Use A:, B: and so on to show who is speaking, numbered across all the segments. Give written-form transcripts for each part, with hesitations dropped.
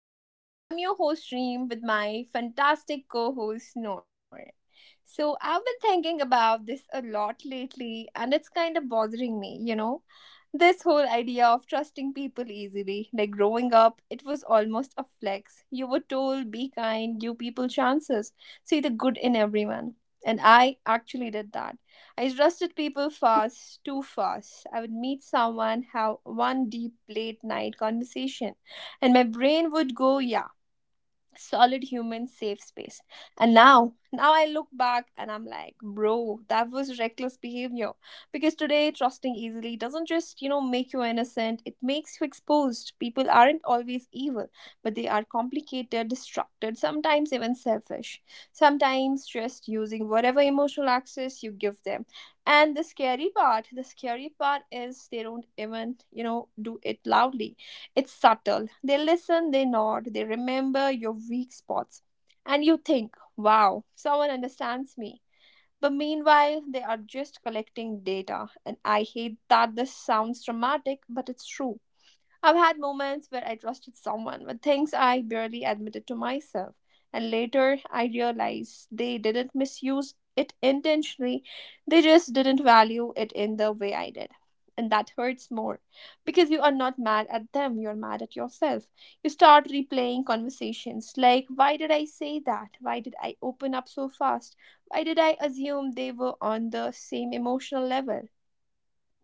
A: Talks. I'm your host, Reem, with my fantastic co host, Noor. So I've been thinking about this a lot lately, and it's kind of bothering me, you know? This whole idea of trusting people easily. Like growing up, it was almost a flex. You were told, be kind, give people chances, see the good in everyone. And I actually did that. I trusted people fast, too fast. I would meet someone, have one deep late night conversation, and my brain would go, yeah, solid human safe space. And now I look back and I'm like, bro, that was reckless behavior. Because today, trusting easily doesn't just, make you innocent, it makes you exposed. People aren't always evil, but they are complicated, distracted, sometimes even selfish. Sometimes just using whatever emotional access you give them. And the scary part is they don't even, do it loudly. It's subtle. They listen, they nod, they remember your weak spots. And you think, wow, someone understands me. But meanwhile, they are just collecting data. And I hate that this sounds dramatic, but it's true. I've had moments where I trusted someone with things I barely admitted to myself, and later I realized they didn't misuse it intentionally, they just didn't value it in the way I did. And that hurts more because you are not mad at them, you're mad at yourself. You start replaying conversations like, why did I say that? Why did I open up so fast? Why did I assume they were on the same emotional level?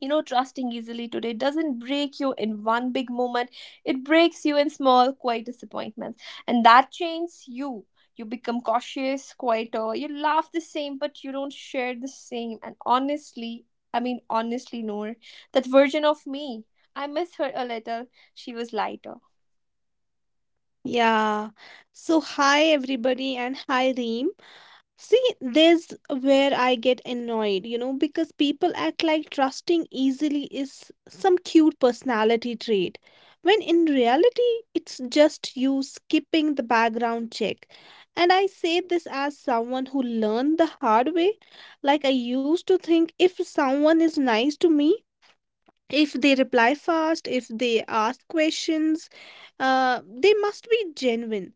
A: Trusting easily today doesn't break you in one big moment, it breaks you in small quiet disappointments, and that changes you. You become cautious, quieter, you laugh the same but you don't share the same. And honestly, I mean honestly, Noor, that version of me, I miss her a little. She was lighter.
B: Yeah. So, hi everybody, and hi Reem. See, there's where I get annoyed, you know, because people act like trusting easily is some cute personality trait, when in reality, it's just you skipping the background check. And I say this as someone who learned the hard way. Like, I used to think if someone is nice to me, if they reply fast, if they ask questions, they must be genuine.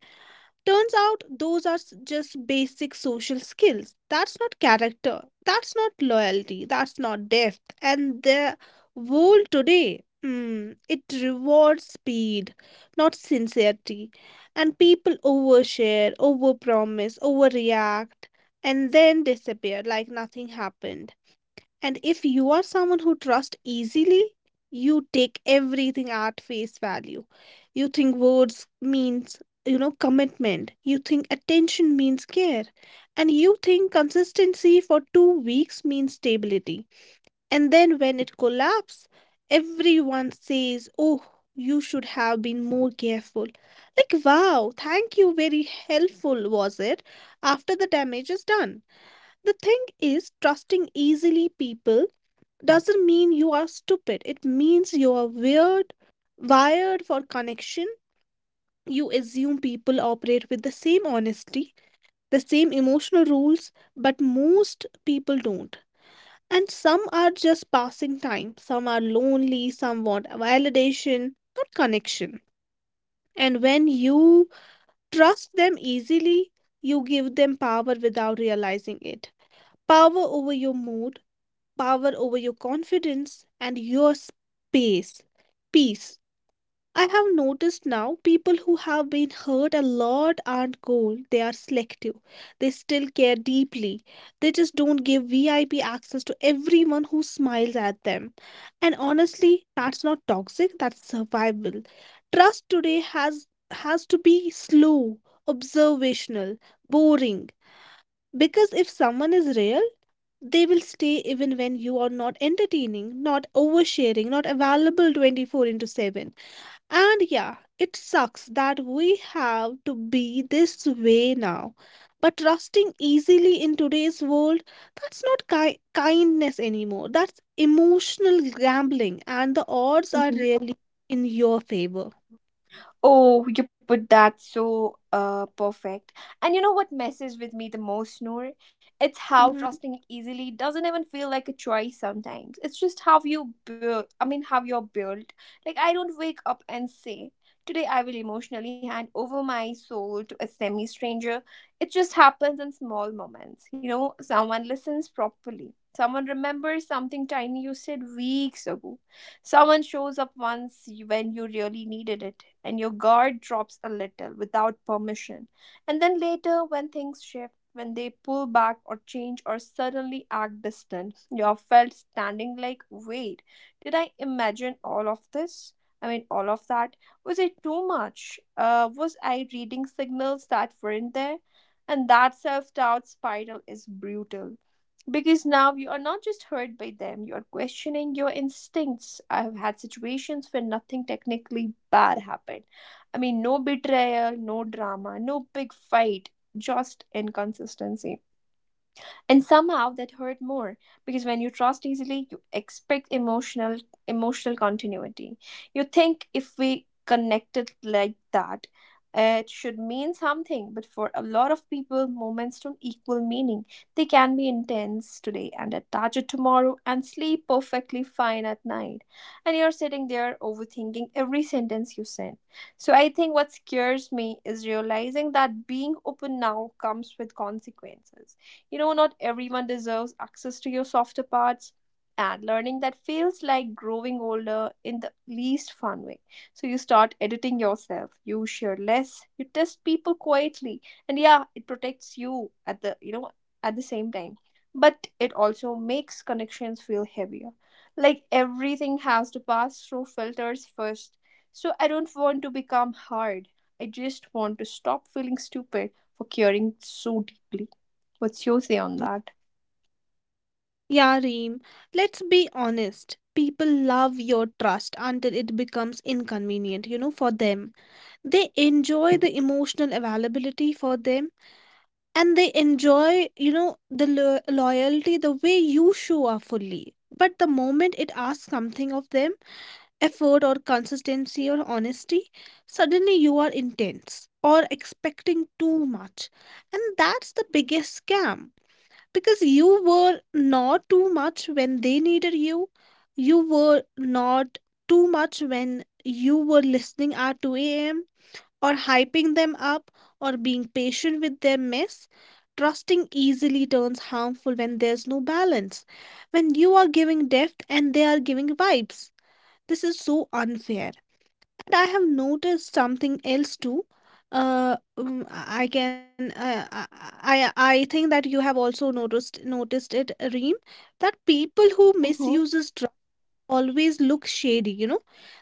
B: Turns out those are just basic social skills. That's not character. That's not loyalty. That's not depth. And the world today, it rewards speed, not sincerity. And people overshare, overpromise, overreact, and then disappear like nothing happened. And if you are someone who trusts easily, you take everything at face value. You think words means commitment. You think attention means care. And you think consistency for 2 weeks means stability. And then when it collapses, everyone says, oh, you should have been more careful. Like, wow, thank you, very helpful was it after the damage is done. The thing is, trusting easily people doesn't mean you are stupid. It means you are weird, wired for connection. You assume people operate with the same honesty, the same emotional rules, but most people don't. And some are just passing time. Some are lonely, some want validation, not connection. And when you trust them easily, you give them power without realizing it. Power over your mood, power over your confidence and your space. Peace. I have noticed now people who have been hurt a lot aren't cold, they are selective. They still care deeply. They just don't give VIP access to everyone who smiles at them. And honestly, that's not toxic, that's survival. Trust today has to be slow, observational, boring. Because if someone is real, they will stay even when you are not entertaining, not oversharing, not available 24/7. And yeah, it sucks that we have to be this way now. But trusting easily in today's world, that's not kindness anymore. That's emotional gambling, and the odds are
A: Mm-hmm.
B: rarely in your favor.
A: Oh, you put that so perfect. And you know what messes with me the most, Noor? It's how
B: Mhm.
A: trusting easily doesn't even feel like a choice sometimes. It's just how you build, I mean, how you're built. Like, I don't wake up and say, today I will emotionally hand over my soul to a semi stranger. It just happens in small moments. You know, someone listens properly, someone remembers something tiny you said weeks ago, someone shows up when you really needed it, and your guard drops a little without permission. And then later, when things shift, when they pull back or change or suddenly act distant, you are felt standing like, wait, did I imagine all of this? I mean, all of that? Was it too much? Was I reading signals that weren't there? And that self doubt spiral is brutal because now you are not just hurt by them, you are questioning your instincts. I have had situations where nothing technically bad happened, I mean no betrayal, no drama, no big fight, just inconsistency. And somehow that hurt more because when you trust easily you expect emotional continuity. You think if we connected like that, it should mean something. But for a lot of people moments don't equal meaning. They can be intense today and attached tomorrow and sleep perfectly fine at night, and you're sitting there overthinking every sentence you send. So I think what scares me is realizing that being open now comes with consequences. Not everyone deserves access to your softer parts, and learning that feels like growing older in the least fun way. So you start editing yourself, you share less, you test people quietly, and yeah, it protects you at the at the same time. But it also makes connections feel heavier. Like everything has to pass through filters first. So I don't want to become hard. I just want to stop feeling stupid for caring so deeply. What's your say on that?
B: Yeah, Reem, let's be honest. People love your trust until it becomes inconvenient, you know, for them. They enjoy the emotional availability for them, and they enjoy the loyalty, the way you show up fully. But the moment it asks something of them, effort or consistency or honesty, suddenly you are intense or expecting too much. And that's the biggest scam, because you were not too much when they needed you. You were not too much when you were listening at 2 a.m, or hyping them up, or being patient with their mess. Trusting easily turns harmful when there's no balance, when you are giving depth and they are giving vibes. This is so unfair. And I have noticed something else too. I can I think that you have also noticed it, Reem, that people who
A: Mm-hmm.
B: misuses always look shady,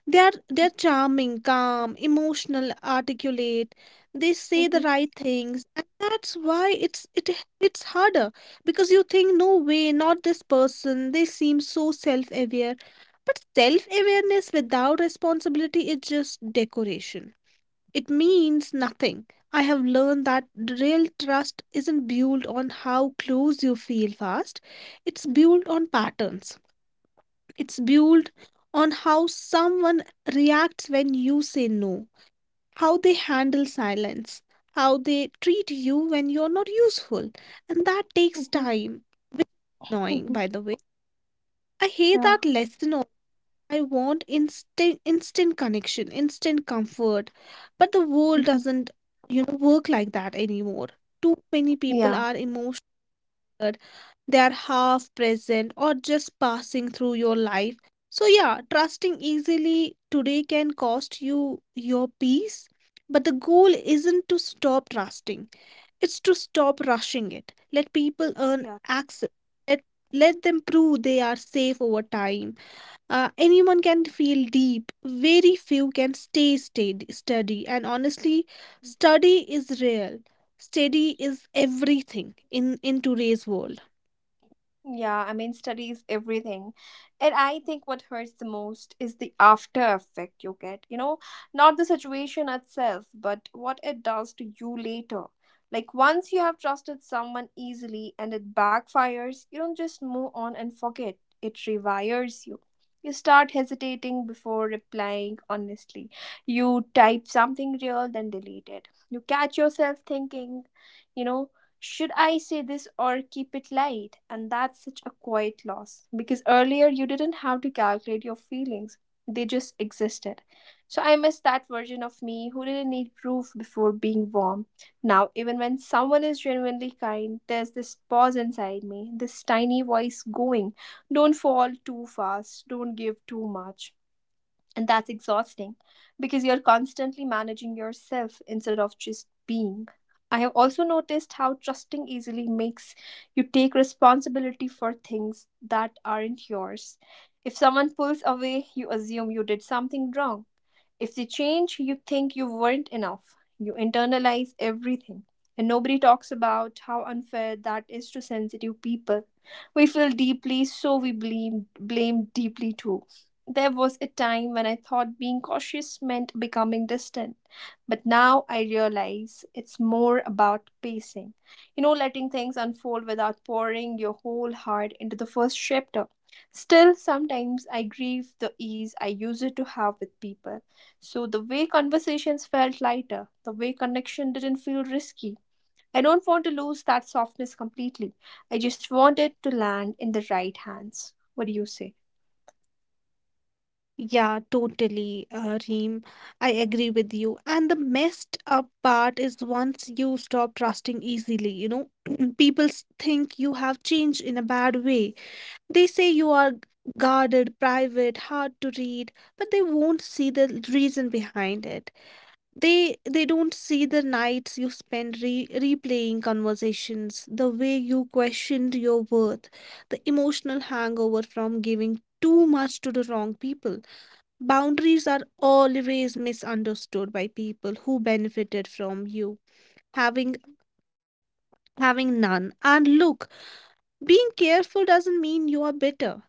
B: they're charming, calm, emotional, articulate. They say
A: Mm-hmm.
B: the right things, and that's why it's harder, because you think, no way, not this person, they seem so self-aware. But self-awareness without responsibility is just decoration. It means nothing. I have learned that real trust isn't built on how close you feel fast. It's built on patterns. It's built on how someone reacts when you say no, how they handle silence, how they treat you when you're not useful. And that takes
A: Mm-hmm.
B: time. Annoying,
A: Mm-hmm.
B: by the way. I hate
A: Yeah.
B: that lesson. I want instant, instant connection, instant comfort. But the world
A: Mm-hmm.
B: doesn't work like that anymore. Too many people
A: Yeah.
B: are emotional. They are half present or just passing through your life. So, yeah, trusting easily today can cost you your peace. But the goal isn't to stop trusting, it's to stop rushing it. Let people earn
A: Yeah.
B: access. Let, let them prove they are safe over time. Anyone can feel deep, very few can stay steady. And honestly, study is real. Steady is everything in today's world.
A: Yeah, I mean, studies, everything. And I think what hurts the most is the after effect you get. Not the situation itself, but what it does to you later. Like, once you have trusted someone easily and it backfires, you don't just move on and forget, it rewires you. You start hesitating before replying honestly. You type something real, then delete it. You catch yourself thinking, you know, should I say this or keep it light? And that's such a quiet loss because earlier you didn't have to calculate your feelings, they just existed. So I miss that version of me who didn't need proof before being warm. Now, even when someone is genuinely kind, there's this pause inside me, this tiny voice going, don't fall too fast, don't give too much. And that's exhausting because you're constantly managing yourself instead of just being. I have also noticed how trusting easily makes you take responsibility for things that aren't yours. If someone pulls away, you assume you did something wrong. If they change, you think you weren't enough. You internalize everything. And nobody talks about how unfair that is to sensitive people. We feel deeply, so we blame deeply too. There was a time when I thought being cautious meant becoming distant, but now I realize it's more about pacing. Letting things unfold without pouring your whole heart into the first chapter. Still, sometimes I grieve the ease I used to have with people. So the way conversations felt lighter, the way connection didn't feel risky. I don't want to lose that softness completely. I just want it to land in the right hands. What do you say?
B: Yeah, totally, Reem. I agree with you. And the messed up part is once you stop trusting easily, people think you have changed in a bad way. They say you are guarded, private, hard to read, but they won't see the reason behind it. They don't see the nights you spend replaying conversations, the way you questioned your worth, the emotional hangover from giving too much to the wrong people. Boundaries are always misunderstood by people who benefited from you having having none. And look, being careful doesn't mean you are bitter.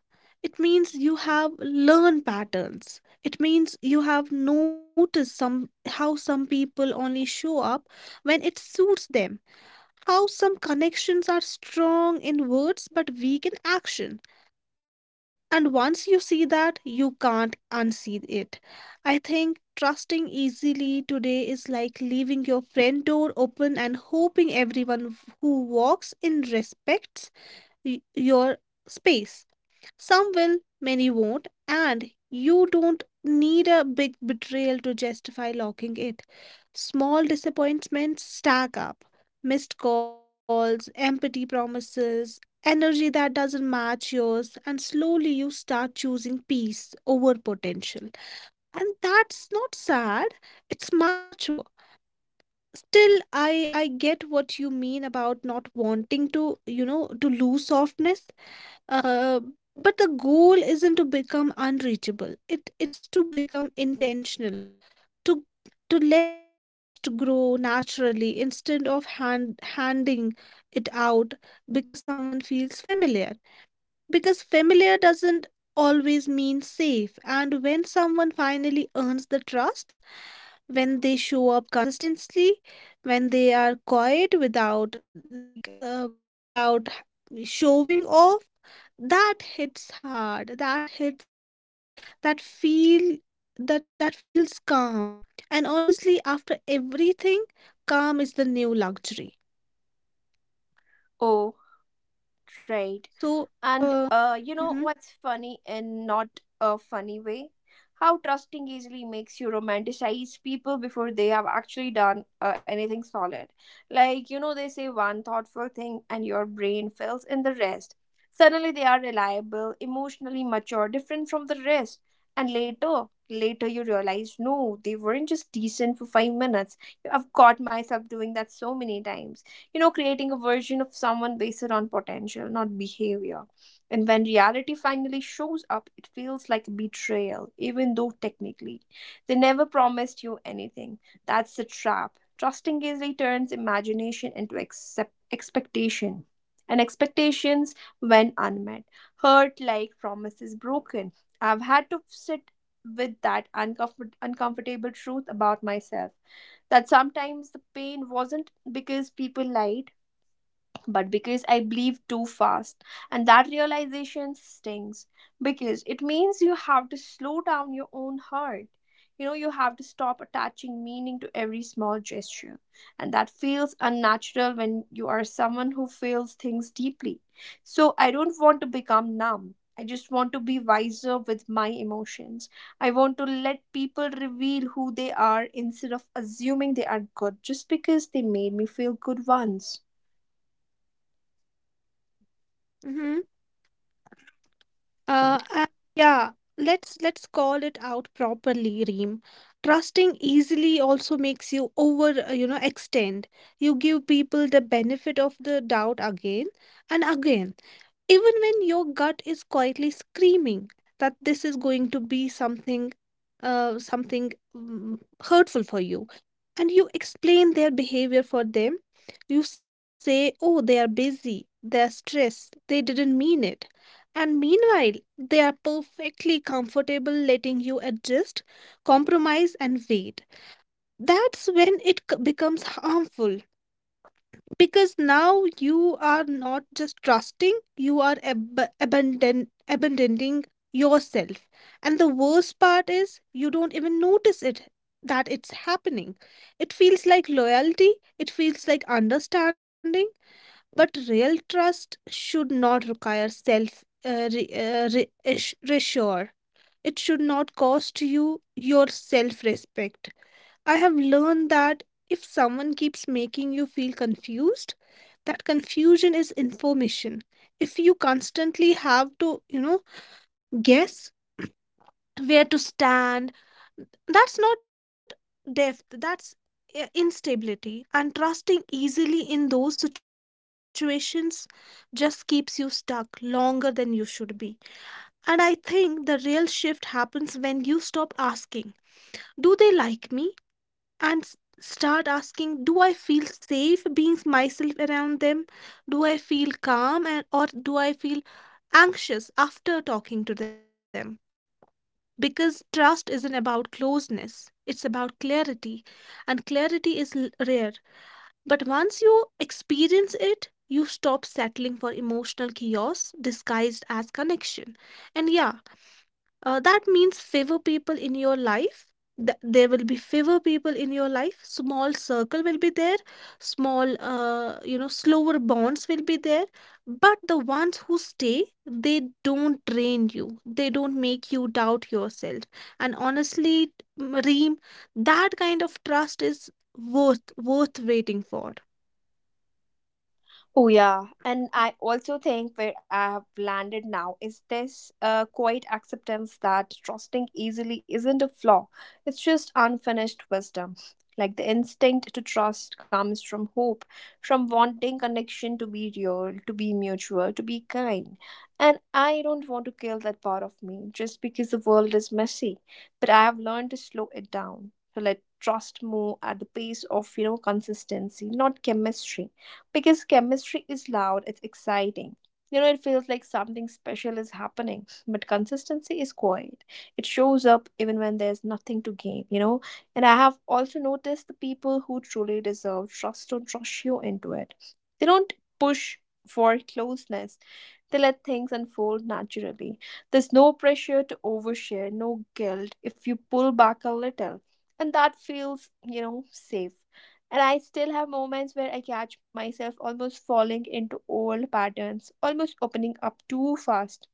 B: It means you have learned patterns. It means you have noticed some how some people only show up when it suits them. How some connections are strong in words but weak in action. And once you see that, you can't unsee it. I think trusting easily today is like leaving your friend door open and hoping everyone who walks in respects your space. Some will, many won't, and you don't need a big betrayal to justify locking it. Small disappointments stack up: missed calls, empty promises, energy that doesn't match yours, and slowly you start choosing peace over potential. And that's not sad, it's mature. Still, I get what you mean about not wanting to lose softness uh, but the goal isn't to become unreachable. It's to become intentional, to to let trust grow naturally instead of handing it out because someone feels familiar. Because familiar doesn't always mean safe. And when someone finally earns the trust, when they show up consistently, when they are quiet like uh, without showing off, that hits hard, that hits different. That feel that feels calm. And honestly, after everything, calm is the new luxury.
A: Oh, right.
B: So,
A: And
B: uh,
A: you know
B: hmm
A: what's funny and not a funny way? How trusting easily makes you romanticize people before they have actually done anything solid. Like, they say one thoughtful thing and your brain fills in the rest. Suddenly they are reliable, emotionally mature, different from the rest. And later you realize, no, they weren't just decent for 5 minutes. I've caught myself doing that so many times, creating a version of someone based on potential, not behavior. And when reality finally shows up, it feels like betrayal, even though technically they never promised you anything. That's the trap. Trusting easily turns imagination into expectation. And expectations, when unmet, hurt like promises broken. I've had to sit with that uncomfortable truth about myself, that sometimes the pain wasn't because people lied but because I believe too fast. And that realization stings because it means you have to slow down your own heart. You have to stop attaching meaning to every small gesture. And that feels unnatural when you are someone who feels things deeply. So I don't want to become numb. I just want to be wiser with my emotions. I want to let people reveal who they are instead of assuming they are good just because they made me feel good once.
B: hmm and yeah, let's call it out properly, Reem. Trusting easily also makes you over extend. You give people the benefit of the doubt again and again, even when your gut is quietly screaming that this is going to be something mm, hurtful for you. And you explain their behavior for them. You say, oh, they are busy, they're stressed, they didn't mean it. And meanwhile they are perfectly comfortable letting you adjust, compromise, and wait. That's when it becomes harmful, because now you are not just trusting, you are abandoning yourself. And the worst part is you don't even notice it, that it's happening. It feels like loyalty, it feels like understanding, but real trust should not require self reassure. It should not cost you your self respect. I have learned that if someone keeps making you feel confused, that confusion is information. If you constantly have to guess where to stand, that's not depth, that's instability. And trusting easily in those situations just keeps you stuck longer than you should be. And I think the real shift happens when you stop asking, do they like me? And start asking, do I feel safe being myself around them, do I feel calm, and or do I feel anxious after talking to them, because trust isn't about closeness, it's about clarity. And clarity is rare, but once you experience it, you stop settling for emotional chaos disguised as connection. And yeah, that means favor people in your life. There will be favor people in your life. Small circle will be there. Small slower bonds will be there. But the ones who stay, they don't drain you. They don't make you doubt yourself. And honestly, Reem, that kind of trust is worth waiting for.
A: Oh, yeah. And I also think where I have landed now is this quiet acceptance that trusting easily isn't a flaw, it's just unfinished wisdom. Like the instinct to trust comes from hope, from wanting connection to be real, to be mutual, to be kind. And I don't want to kill that part of me just because the world is messy. But I have learned to slow it down, to let trust move at the pace of, consistency, not chemistry, because chemistry is loud, it's exciting. It feels like something special is happening, but consistency is quiet. It shows up even when there's nothing to gain. And I have also noticed the people who truly deserve trust don't rush you into it. They don't push for closeness, they let things unfold naturally. There's no pressure to overshare, no guilt if you pull back a little. And that feels, safe. And I still have moments where I catch myself almost falling into old patterns, almost opening up too fast.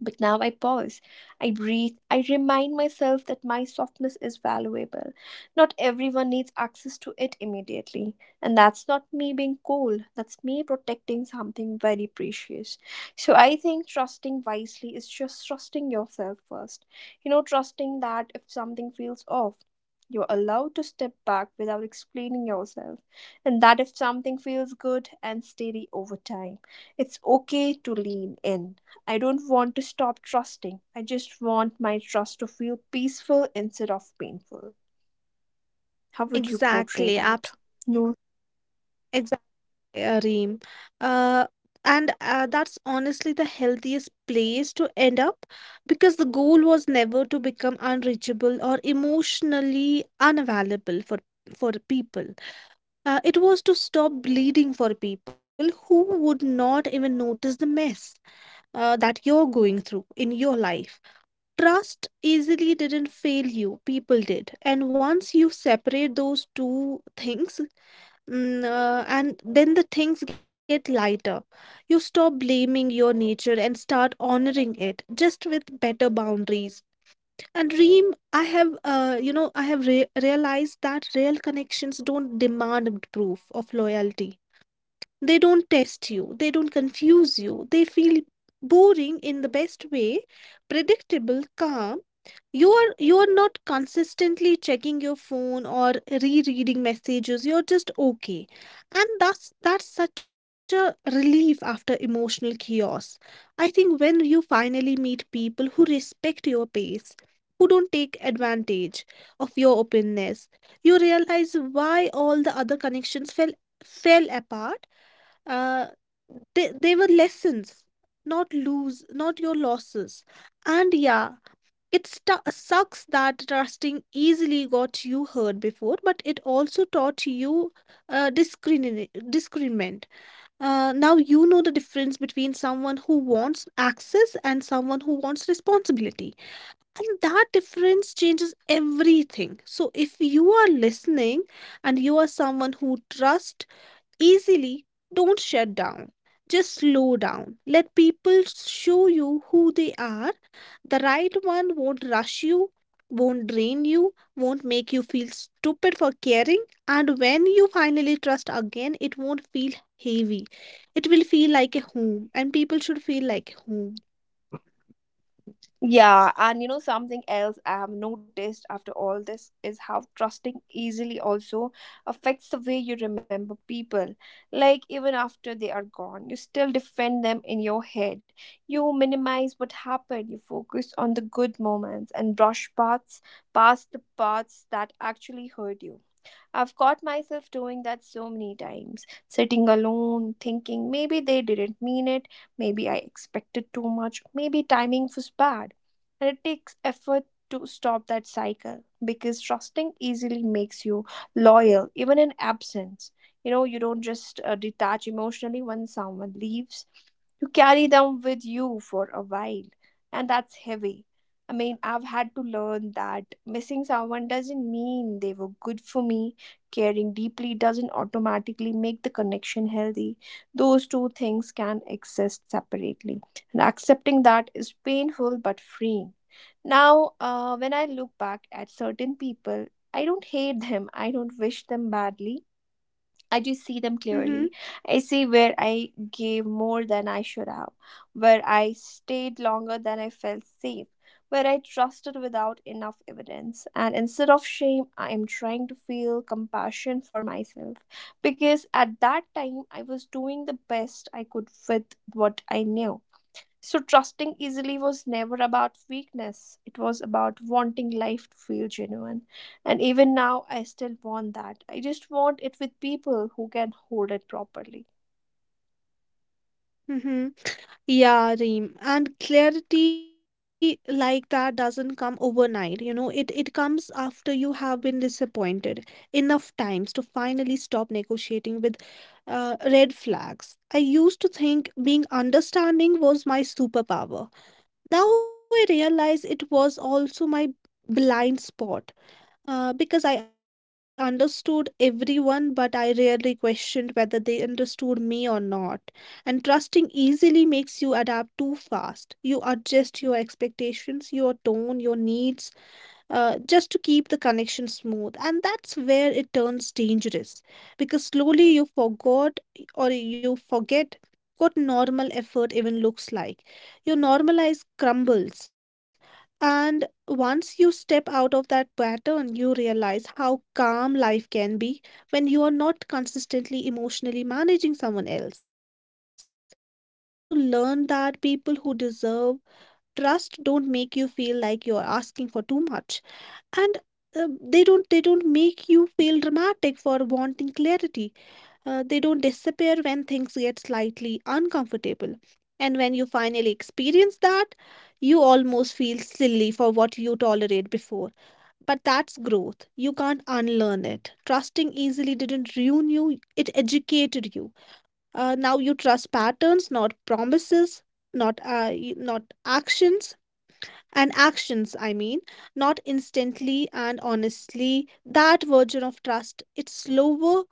A: But now I pause, I breathe, I remind myself that my softness is valuable. Not everyone needs access to it immediately. And that's not me being cold, that's me protecting something very precious. So I think trusting wisely is just trusting yourself first. Trusting that if something feels off, you're allowed to step back without explaining yourself, and that if something feels good and steady over time, it's okay to lean in. I don't want to stop trusting. I just want my trust to feel peaceful instead of painful. How would you portray
B: Exactly.
A: that?
B: Absolutely.
A: Noor? Mm.
B: Reem. Uh, and that's honestly the healthiest place to end up, because the goal was never to become unreachable or emotionally unavailable for people. It was to stop bleeding for people who would not even notice the mess that you're going through in your life. Trust easily didn't fail you, people did. And once you separate those two things, and then the things get lighter. You stop blaming your nature and start honoring it just with better boundaries. And Reem, I have realized that real connections don't demand proof of loyalty. They don't test you, they don't confuse you, they feel boring in the best way, predictable, calm. You are not consistently checking your phone or rereading messages. You're just okay, and that's such a relief after emotional chaos. I think when you finally meet people who respect your pace, who don't take advantage of your openness, you realize why all the other connections fell apart. uh, they were lessons, not your losses. And yeah, it sucks that trusting easily got you hurt before, but it also taught you discernment. Now you know the difference between someone who wants access and someone who wants responsibility. And that difference changes everything. So if you are listening and you are someone who trusts easily, don't shut down. Just slow down. Let people show you who they are. The right one won't rush you, won't drain you, won't make you feel stupid for caring, and when you finally trust again, it won't feel heavy. It will feel like a home, and people should feel like home.
A: Yeah, and something else I have noticed after all this is how trusting easily also affects the way you remember people. Like, even after they are gone, you still defend them in your head. You minimize what happened, you focus on the good moments and brush past the parts that actually hurt you. I've caught myself doing that so many times, sitting alone, thinking maybe they didn't mean it, maybe I expected too much, maybe timing was bad. And it takes effort to stop that cycle because trusting easily makes you loyal, even in absence. You know, you don't just detach emotionally when someone leaves, you carry them with you for a while, and that's heavy. I mean, I've had to learn that missing someone doesn't mean they were good for me. Caring deeply doesn't automatically make the connection healthy. Those two things can exist separately. And accepting that is painful but freeing. Now, when I look back at certain people, I don't hate them, I don't wish them badly. I do see them
B: Mm-hmm.
A: clearly. I see where I gave more than I should have, where I stayed longer than I felt safe, where I trusted without enough evidence. And instead of shame, I am trying to feel compassion for myself because at that time I was doing the best I could with what I knew. So, trusting easily was never about weakness, it was about wanting life to feel genuine. And even now, I still want that. I just want it with people who can hold it properly.
B: Mm-hmm. Yeah, Reem. And clarity like that doesn't come overnight, you know, it comes after you have been disappointed enough times to finally stop negotiating with red flags. I used to think being understanding was my superpower. Now I realize it was also my blind spot. Because I understood everyone, but I rarely questioned whether they understood me or not. And trusting easily makes you adapt too fast. You adjust your expectations, your tone, your needs, just to keep the connection smooth. And that's where it turns dangerous, because slowly you forgot, or you forget, what normal effort even looks like. Your normalized crumbles. And once you step out of that pattern, you realize how calm life can be when you are not consistently emotionally managing someone else. I have also learned that people who deserve trust don't make you feel like you're asking for too much, and they don't make you feel dramatic for wanting clarity. They don't disappear when things get slightly uncomfortable, and when you finally experience that, you almost feel silly for what you tolerate before. But that's growth, you can't unlearn it. Trusting easily didn't ruin you, it educated you. Now you trust patterns, not promises, not actions. And actions, I mean, not instantly. And honestly, that version of trust, it's slower,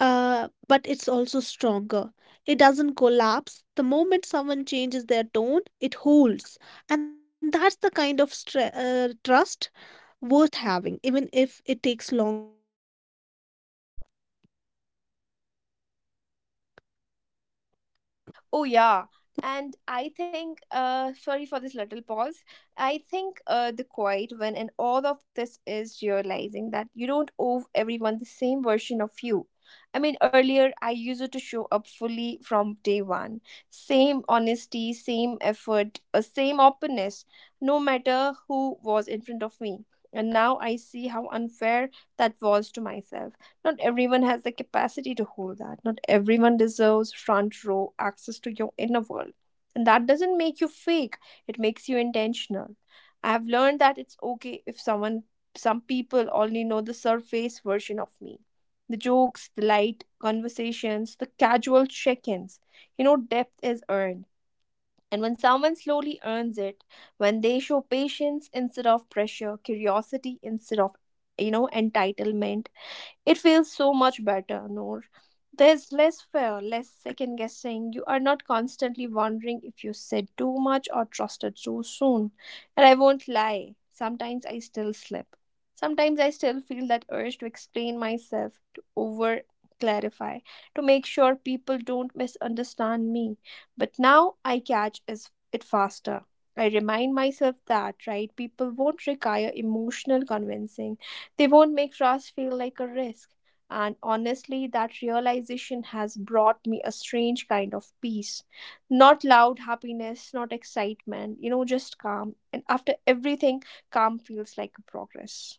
B: but it's also stronger. It doesn't collapse the moment someone changes their tone, it holds. And that's the kind of trust worth having, even if it takes longer to build.
A: Oh yeah, and I think sorry for this little pause. I think the quiet when and all of this is realizing that you don't owe everyone the same version of you. I mean earlier I used to show up fully from day one. Same honesty, same effort, same openness, no matter who was in front of me. And now I see how unfair that was to myself. Not everyone has the capacity to hold that. Not everyone deserves front row access to your inner world. And that doesn't make you fake, it makes you intentional. I have learned that it's okay if someone, some people only know the surface version of me, the jokes, the light conversations, the casual check ins. You know, depth is earned. And when someone slowly earns it, when they show patience instead of pressure, curiosity instead of, you know, entitlement, it feels so much better, Noor. There's less fear, less second guessing. You are not constantly wondering if you said too much or trusted too soon. And I won't lie, sometimes I still slip. Sometimes I still feel that urge to explain myself, to over clarify, to make sure people don't misunderstand me. But now I it faster. I remind myself that right people won't require emotional convincing, they won't make trust feel like a risk. And honestly, that realization has brought me a strange kind of peace. Not loud happiness, not excitement, you know, just calm. And after everything, calm feels like a progress.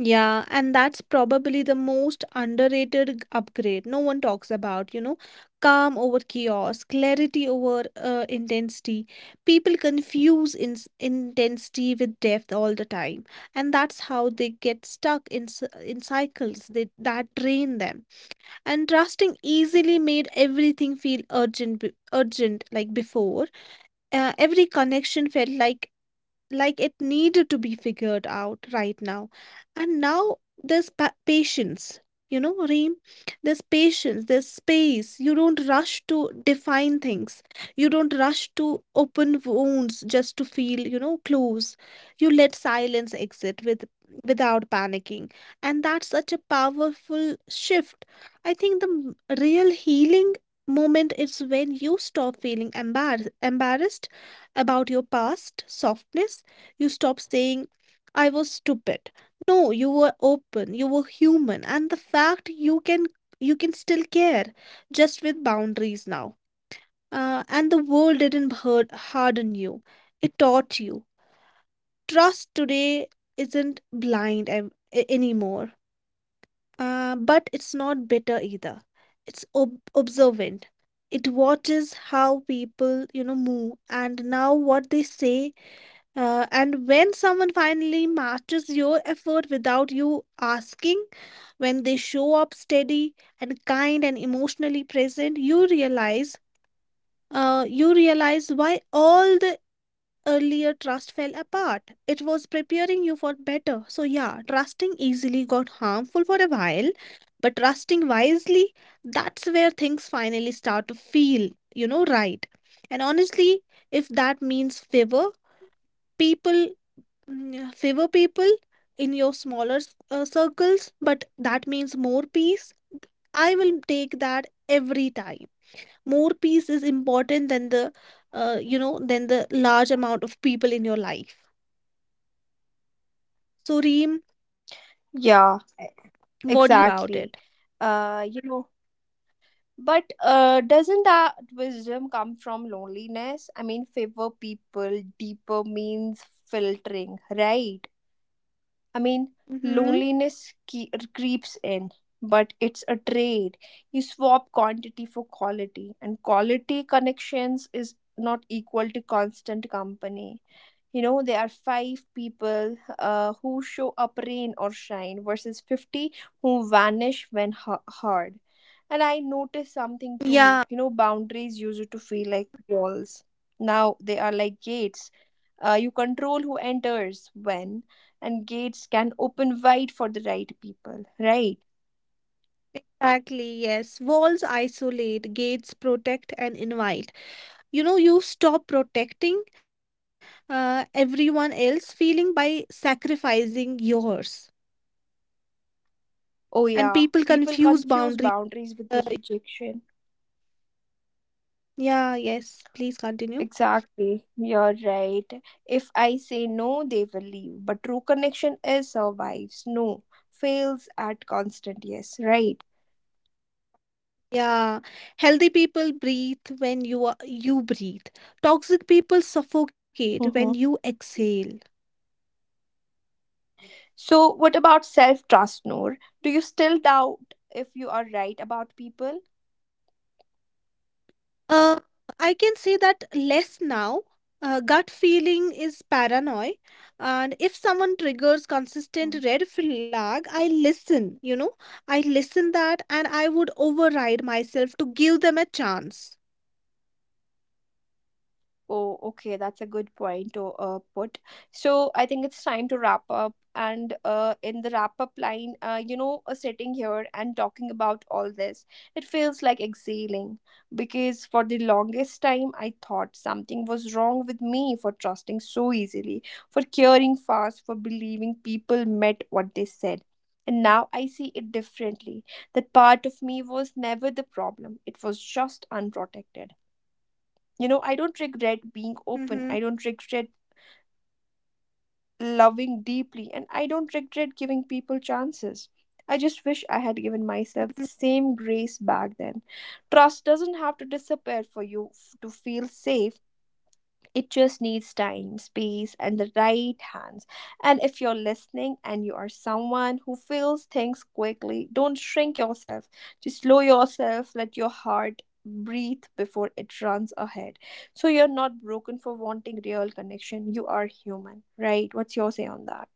B: Yeah, and that's probably the most underrated upgrade no one talks about, you know. Calm over chaos, clarity over intensity. People confuse in intensity with depth all the time, and that's how they get stuck in in cycles that drain them. And trusting easily made everything feel urgent, urgent like before. Every connection felt like it needed to be figured out right now. And now there's patience. You know, Reem, there's patience, there's space. You don't rush to define things, you don't rush to open wounds just to feel, you know, close. You let silence exit with without panicking, and that's such a powerful shift. I think the real healing moment is when you stop feeling embarrassed about your past softness. You stop saying, "I was stupid." No, you were open, you were human, and the fact you can still care, just with boundaries now. And the world didn't hurt, harden you; it taught you. Trust today isn't blind anymore, but it's not bitter either. It's observant. It watches how people, you know, move and now what they say. And when someone finally matches your effort without you asking, when they show up steady and kind and emotionally present, you realize why all the earlier trust fell apart. It was preparing you for better. So yeah, trusting easily got harmful for a while, but trusting wisely, that's where things finally start to feel, you know, right. And honestly, if that means favor, people favor people in your smaller circles, but that means more peace. I will take that every time. More peace is important than the, you know, than the large amount of people in your life. So, Reem, what do you
A: Yeah,
B: say about it?
A: exactly. You know, but doesn't that wisdom come from loneliness? I mean, favor people deeper means filtering, right? I mean,
B: Mm-hmm.
A: loneliness creeps in, but it's a trade. You swap quantity for quality, and quality connections is not equal to constant company. You know, there are five people who show up rain or shine versus 50 who vanish when hard. And I noticed something too.
B: Yeah,
A: You know, boundaries used to feel like walls. Now they are like gates. You control who enters when, and gates can open wide for the right people, right?
B: exactly. Yes. Walls isolate, gates protect and invite. You know, you stop protecting everyone else feeling by sacrificing yours. And
A: Oh,
B: people
A: yeah,
B: confuse
A: people
B: boundaries.
A: confuse boundaries
B: Uh,
A: with the rejection.
B: yeah, yes, please continue.
A: Exactly, you're right. If I say no, they will leave. But true connection is survives, no, fails at constant yes, right?
B: Yeah, healthy people breathe when you are, you breathe. Toxic people suffocate when
A: Mm-hmm.
B: you exhale.
A: So, what about self trust, Noor? Do you still doubt if you are right about people?
B: Uh, I can say that less now. Gut feeling is paranoia, and if someone triggers
A: Hmm.
B: consistent red flag, I listen. You know, I listen that, and I would override myself to give them a chance.
A: Oh, okay, that's a good point to put. So I think it's time to wrap up. And in the wrap up line, you know, sitting here and talking about all this, it feels like exhaling because for the longest time, I thought something was wrong with me for trusting so easily, for caring fast, for believing people meant what they said. And now I see it differently. That part of me was never the problem, it was just unprotected. You know, I don't regret being
B: Mm-hmm.
A: open. I don't regret loving deeply. And I don't regret giving people chances. I just wish I had given myself the same grace back then. Trust doesn't have to disappear for to feel safe. It just needs time, space, and the right hands. And if you're listening and you are someone who feels things quickly, don't shrink yourself. Just slow yourself, let your heart breathe before it runs ahead. So you're not broken for wanting real connection. You are human, right? What's your say on that?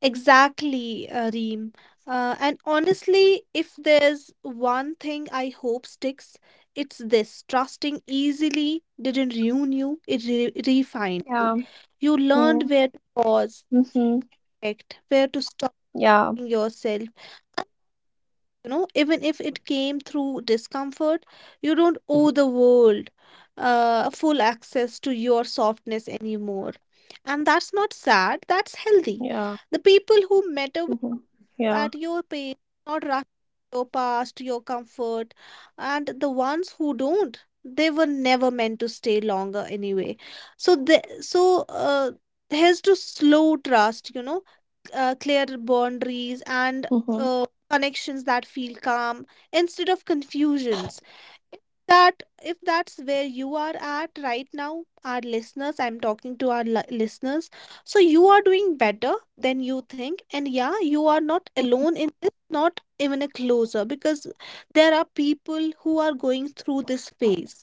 B: Exactly, Reem. And honestly, if there's one thing I hope sticks, it's this. Trusting easily didn't ruin you, it re refined you.
A: Yeah.
B: You learned where to pause,
A: Mm-hmm.
B: act, where to stop
A: Yeah.
B: yourself. You know, even if it came through discomfort, you don't owe the world full access to your softness anymore. And that's not sad, that's healthy.
A: Yeah.
B: The people who matter
A: Mm-hmm. Yeah.
B: at your pace, not rushing your past, your comfort. And the ones who don't, they were never meant to stay longer anyway. So, here's to slow trust, you know, clear boundaries and
A: Mm-hmm.
B: connections that feel calm instead of confusions. If that if that's where you are at right now, our listeners, I'm talking to our listeners, so you are doing better than you think. And yeah, you are not alone in this, not even a closer, because there are people who are going through this phase.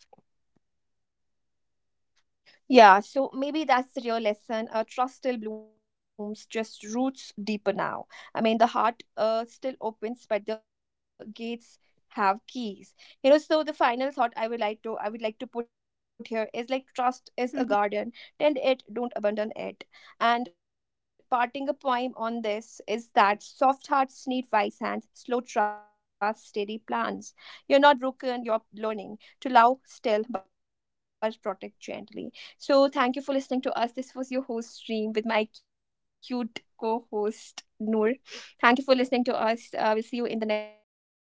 A: Yeah, so maybe that's the real lesson. Trust still blooms, just roots deeper now. I mean, the heart still opens, but the gates have keys. You know, so the final thought I would like to put here is like trust is a
B: Mhm.
A: garden. Tend it, don't abandon it. And parting a poem on this is that soft hearts need wise hands, slow trust, steady plans. You're not broken, you're learning to love still but protect gently. So, thank you for listening to us. This was your host, Stream, with my cute co host, Noor. Thank you for listening to us. We'll see you in the next